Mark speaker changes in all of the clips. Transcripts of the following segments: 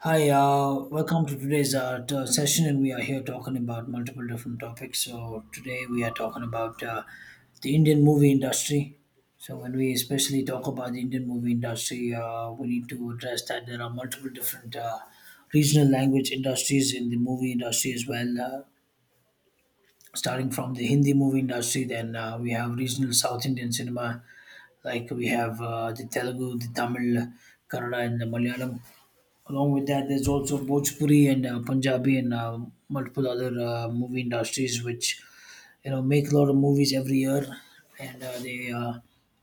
Speaker 1: Hi, welcome to today's session, and we are here talking about multiple different topics. So today we are talking about the Indian movie industry. So when we especially talk about the Indian movie industry, we need to address that there are multiple different regional language industries in the movie industry as well. Starting from the Hindi movie industry, then we have regional South Indian cinema, like we have the Telugu, the Tamil, Kannada, and the Malayalam. Along with that, there's also Bhojpuri and Punjabi and multiple other movie industries which make a lot of movies every year, and they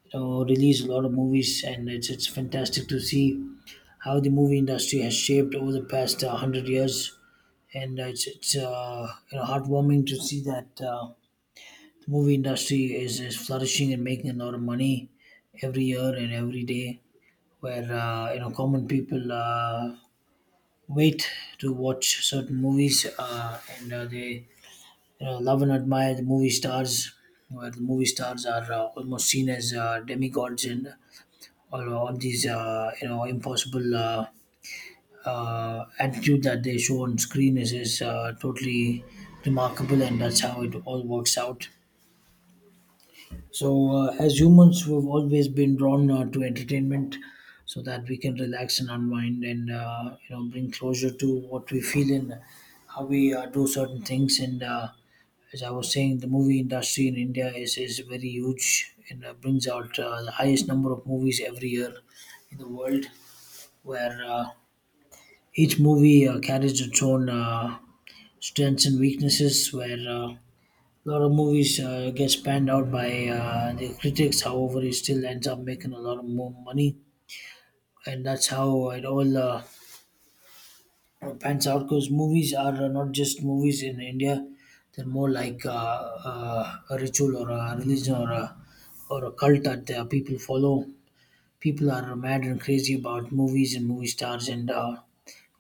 Speaker 1: release a lot of movies, and it's fantastic to see how the movie industry has shaped over the past 100 years, and it's heartwarming to see that the movie industry is flourishing and making a lot of money every year and every day where common people wait to watch certain movies, and they love and admire the movie stars. Where the movie stars are almost seen as demigods and all these impossible attitude that they show on screen is totally remarkable, and that's how it all works out. So, as humans, we've always been drawn to entertainment so that we can relax and unwind and bring closure to what we feel and how we do certain things. And as I was saying, the movie industry in India is very huge and brings out the highest number of movies every year in the world, where each movie carries its own strengths and weaknesses, where a lot of movies gets panned out by the critics. However, it still ends up making a lot of more money, and that's how it all pans out. Because movies are not just movies in India; they're more like a ritual or a religion or a cult that people follow. People are mad and crazy about movies and movie stars, and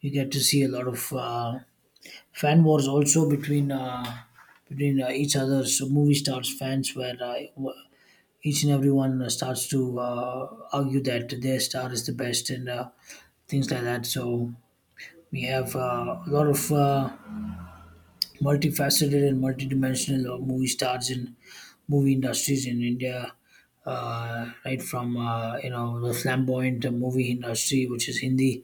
Speaker 1: you get to see a lot of fan wars also between. Between each other. So movie stars fans were uh, each and everyone starts to argue that their star is the best and things like that. So we have a lot of multifaceted and multidimensional movie stars in movie industries in India. Right from the flamboyant movie industry, which is Hindi,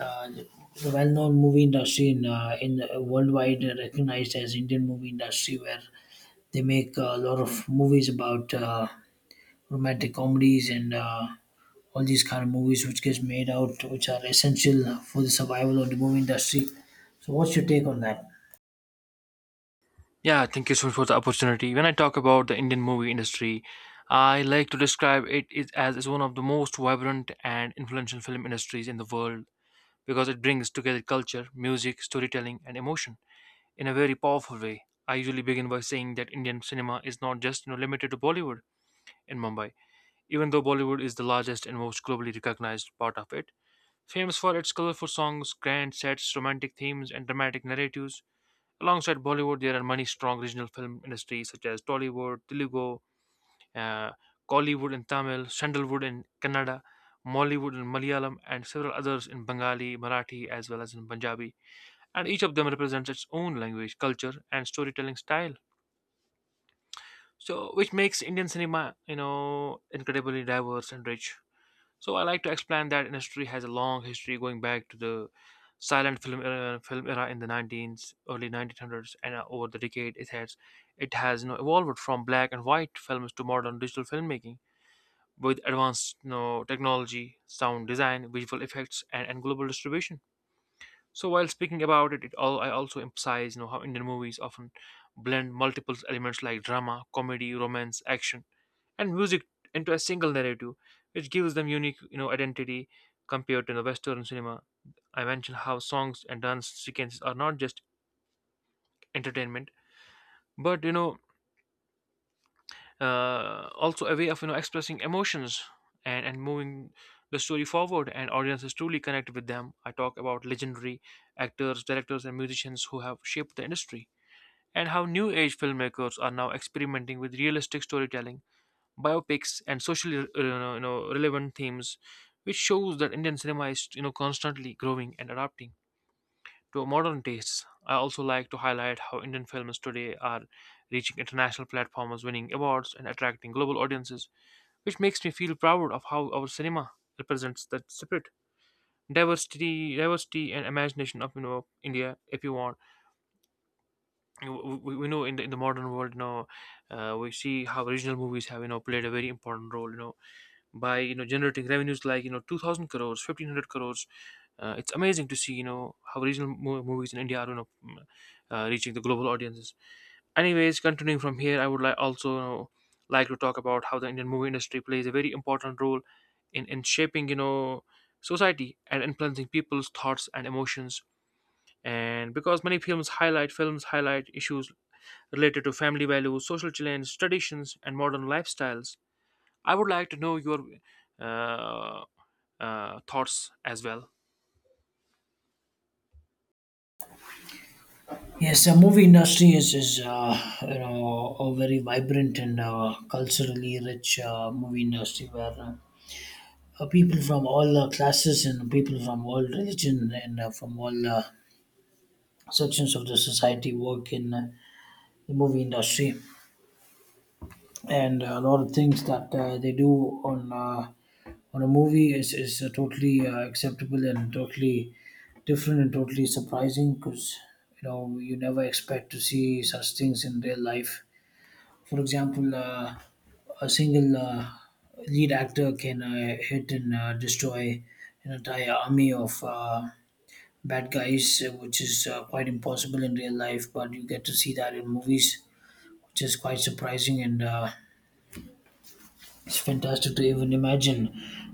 Speaker 1: uh, the well-known movie industry in worldwide recognized as Indian movie industry, where they make a lot of movies about romantic comedies and all these kind of movies which gets made out, which are essential for the survival of the movie industry. So, what's your take on that?
Speaker 2: Yeah, thank you so much for the opportunity. When I talk about the Indian movie industry, I like to describe it is- as is one of the most vibrant and influential film industries in the world because it brings together culture, music, storytelling, and emotion in a very powerful way. I usually begin by saying that Indian cinema is not just limited to Bollywood in Mumbai, even though Bollywood is the largest and most globally recognized part of it. Famous for its colorful songs, grand sets, romantic themes, and dramatic narratives, alongside Bollywood, there are many strong regional film industries such as Tollywood, Telugu, uh, Kollywood in Tamil, Sandalwood in Kannada, Mollywood in Malayalam, and several others in Bengali, Marathi, as well as in Punjabi. And each of them represents its own language, culture, and storytelling style. So, which makes Indian cinema, incredibly diverse and rich. So I like to explain that industry has a long history going back to the silent film era in the 19s, early 1900s, and over the decade it has evolved from black and white films to modern digital filmmaking with advanced technology, sound design, visual effects, and global distribution. So while speaking about it, all I also emphasize how Indian movies often blend multiple elements like drama, comedy, romance, action, and music into a single narrative, which gives them unique, identity compared to the Western cinema. I mentioned how songs and dance sequences are not just entertainment, but also a way of expressing emotions and moving the story forward, and audiences truly connect with them. I talk about legendary actors, directors, and musicians who have shaped the industry, and how new age filmmakers are now experimenting with realistic storytelling, biopics, and socially relevant themes, which shows that Indian cinema is constantly growing and adapting to modern tastes. I also like to highlight how Indian films today are reaching international platforms, winning awards, and attracting global audiences, which makes me feel proud of how our cinema represents that spirit. Diversity, diversity, and imagination of India. If you want, we know in the modern world, we see how regional movies have played a very important role. By generating revenues like 2000 crores, 1500 crores, it's amazing to see how regional movies in India are reaching the global audiences. Anyways, continuing from here, I would like also, like to talk about how the Indian movie industry plays a very important role in shaping society and influencing people's thoughts and emotions, and because many films highlight issues related to family values, social challenges, traditions, and modern lifestyles. I would like to know your uh, thoughts as well.
Speaker 1: Yes, the movie industry is a very vibrant and culturally rich movie industry where people from all classes and people from all religion and from all sections of the society work in the movie industry, and a lot of things that they do on a movie is totally acceptable and totally different and totally surprising because you never expect to see such things in real life. For example, a single lead actor can hit and destroy an entire army of bad guys, which is quite impossible in real life. But you get to see that in movies, which is quite surprising and. It's fantastic to even imagine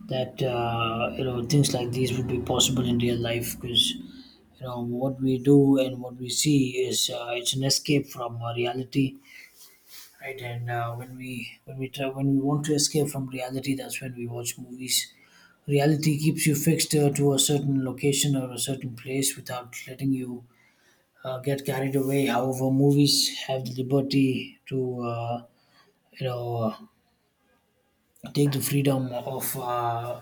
Speaker 1: that things like these would be possible in real life because what we do and what we see is it's an escape from reality, right? And when we try when we want to escape from reality, that's when we watch movies. Reality keeps you fixed to a certain location or a certain place without letting you get carried away. However, movies have the liberty to you know take the freedom of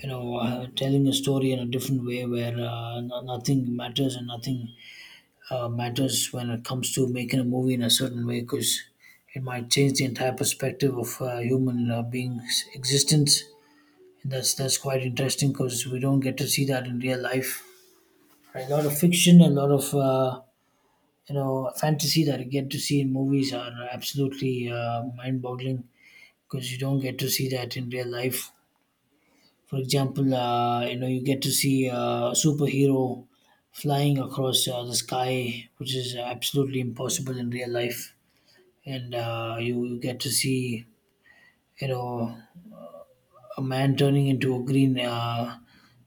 Speaker 1: telling a story in a different way where nothing matters and nothing matters when it comes to making a movie in a certain way because it might change the entire perspective of human beings existence, and that's quite interesting because we don't get to see that in real life. A lot of fiction, a lot of fantasy that you get to see in movies are absolutely mind-boggling because you don't get to see that in real life. For example, you get to see a superhero flying across the sky, which is absolutely impossible in real life, and you get to see you know a man turning into a green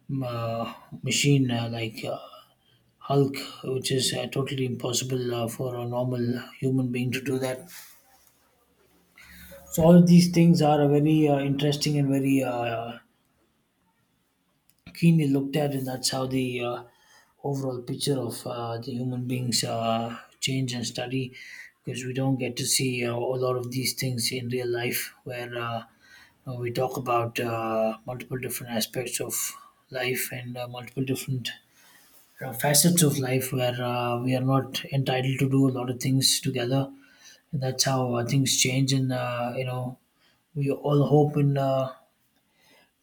Speaker 1: m- uh, machine like Hulk, which is totally impossible for a normal human being to do that. So all of these things are a very interesting and very keenly looked at, and that's how the overall picture of the human beings change and study because we don't get to see a lot of these things in real life where we talk about multiple different aspects of life and multiple different facets of life where we are not entitled to do a lot of things together, and that's how things change and we all hope in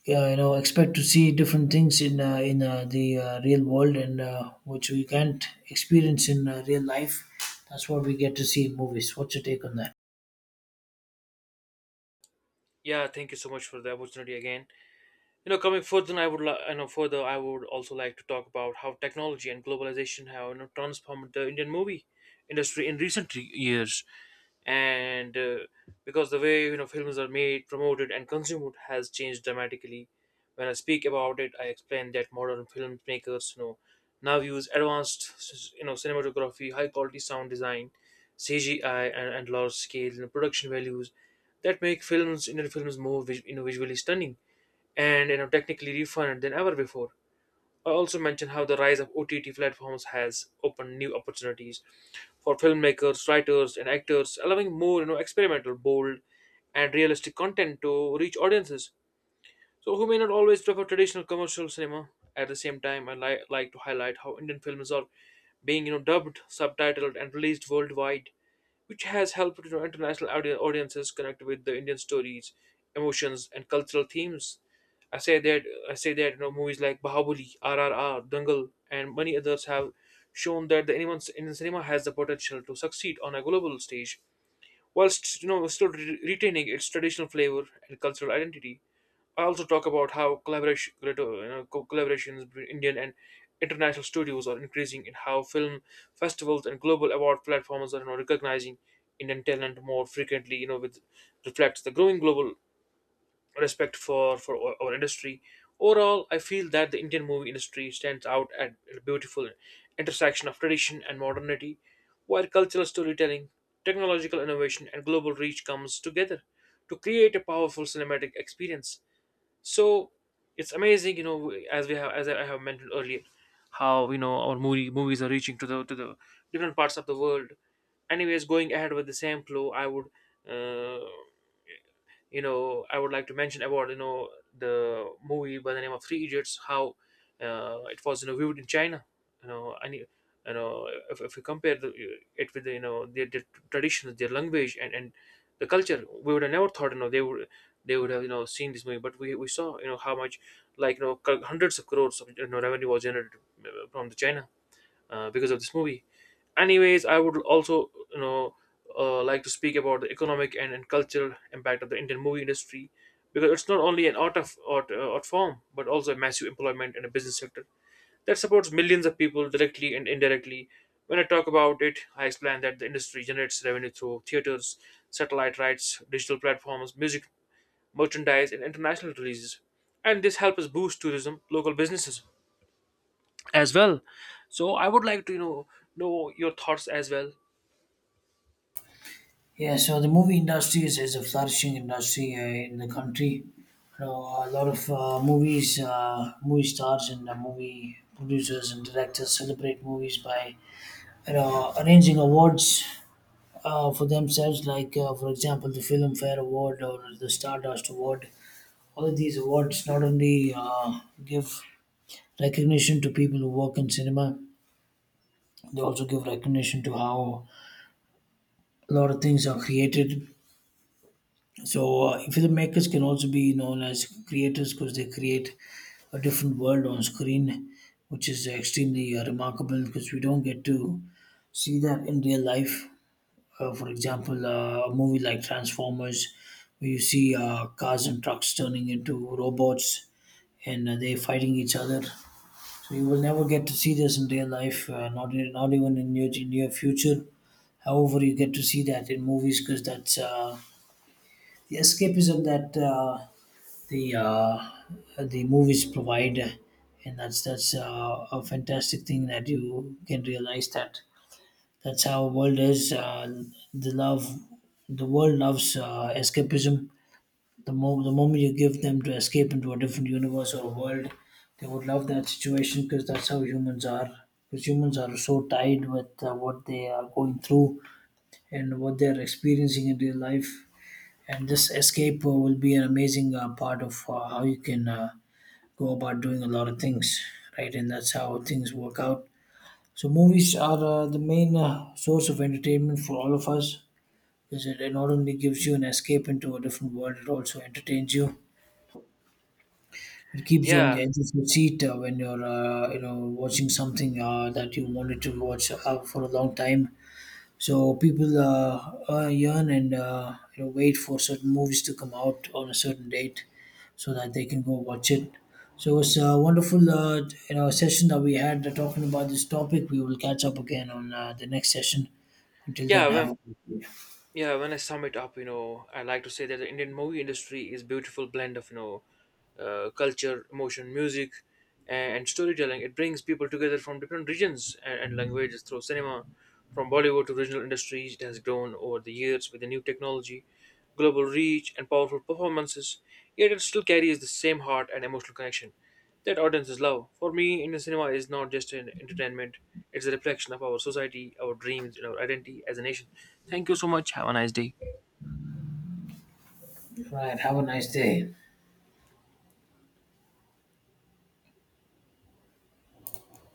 Speaker 1: yeah, expect to see different things in the real world, and which we can't experience in real life. That's what we get to see in movies. What's your take on that?
Speaker 2: Yeah, thank you so much for the opportunity again. You know, coming further, I would, li- you know, further, I would also like to talk about how technology and globalization have, you know, transformed the Indian movie industry in recent years, and because the way films are made, promoted, and consumed has changed dramatically. When I speak about it, I explain that modern filmmakers now use advanced, cinematography, high quality sound design, CGI, and large scale, production values that make films Indian films more visually stunning and technically refined than ever before. I also mentioned how the rise of OTT platforms has opened new opportunities for filmmakers, writers, and actors, allowing more, experimental, bold, and realistic content to reach audiences, so who may not always prefer traditional commercial cinema. At the same time, I like to highlight how Indian films are being dubbed, subtitled, and released worldwide, which has helped, international audiences connect with the Indian stories, emotions, and cultural themes. I say that I say that movies like Bahubali, RRR, Dangal, and many others have shown that the Indian cinema has the potential to succeed on a global stage whilst still retaining its traditional flavor and cultural identity. I also talk about how collaborations between Indian and international studios are increasing, and how film festivals and global award platforms are, recognizing Indian talent more frequently. You know, with reflects the growing global respect for our industry. Overall, I feel that the Indian movie industry stands out at a beautiful intersection of tradition and modernity, where cultural storytelling, technological innovation, and global reach comes together to create a powerful cinematic experience. So it's amazing, you know, as I have mentioned earlier, how our movies are reaching to the different parts of the world. Anyways, going ahead with the same flow, Uh, I would like to mention about the movie by the name of 3 Idiots, how it was viewed in China. You know, and you know if you compare it with, their traditions, their language, and the culture, we would have never thought they would have seen this movie, but we saw how much, hundreds of crores of revenue was generated, from the China, because of this movie. Anyways, I would also, like to speak about the economic and cultural impact of the Indian movie industry, because it's not only an art form but also a massive employment and a business sector that supports millions of people directly and indirectly. When I talk about it, I explain that the industry generates revenue through theaters, satellite rights, digital platforms, music, merchandise, and international releases. And this helps us boost tourism, local businesses, as well. So I would like to, know your thoughts as well.
Speaker 1: Yeah, so the movie industry is a flourishing industry in the country. You know, a lot of movie stars, and movie producers and directors celebrate movies by arranging awards for themselves, like for example the Film Fair Award or the Stardust Award. All of these awards not only give recognition to people who work in cinema, they also give recognition to how a lot of things are created. So, filmmakers can also be known as creators because they create a different world on screen, which is extremely remarkable because we don't get to see that in real life. For example, a movie like Transformers, where you see cars and trucks turning into robots, and they're fighting each other. So you will never get to see this in real life, not even in your future. However, you get to see that in movies because that's the escapism that the uh, the movies provide, and that's a fantastic thing that you can realize that that's how world is. The love, the world loves escapism. The moment you give them to escape into a different universe or world, they would love that situation because that's how humans are. Because humans are so tied with what they are going through and what they are experiencing in real life, and this escape will be an amazing part of how you can go about doing a lot of things, right? And that's how things work out. So movies are the main source of entertainment for all of us because it not only gives you an escape into a different world, it also entertains you. It keeps you on
Speaker 2: Yeah,
Speaker 1: the edge of your seat when you're, watching something that you wanted to watch for a long time. So people yearn and wait for certain movies to come out on a certain date, so that they can go watch it. So it's a wonderful, session that we had talking about this topic. We will catch up again on the next session. Until
Speaker 2: yeah,
Speaker 1: then, have
Speaker 2: when
Speaker 1: a
Speaker 2: yeah, when I sum it up, you know, I like to say that the Indian movie industry is beautiful blend of, culture, emotion, music, and storytelling. It brings people together from different regions and languages through cinema. From Bollywood to regional industries, it has grown over the years with the new technology, global reach, and powerful performances. Yet it still carries the same heart and emotional connection that audience is love. For me, Indian cinema is not just an entertainment, it's a reflection of our society, our dreams, and our identity as a nation. Thank you so much. Have a nice day.
Speaker 1: Right. Have a nice day.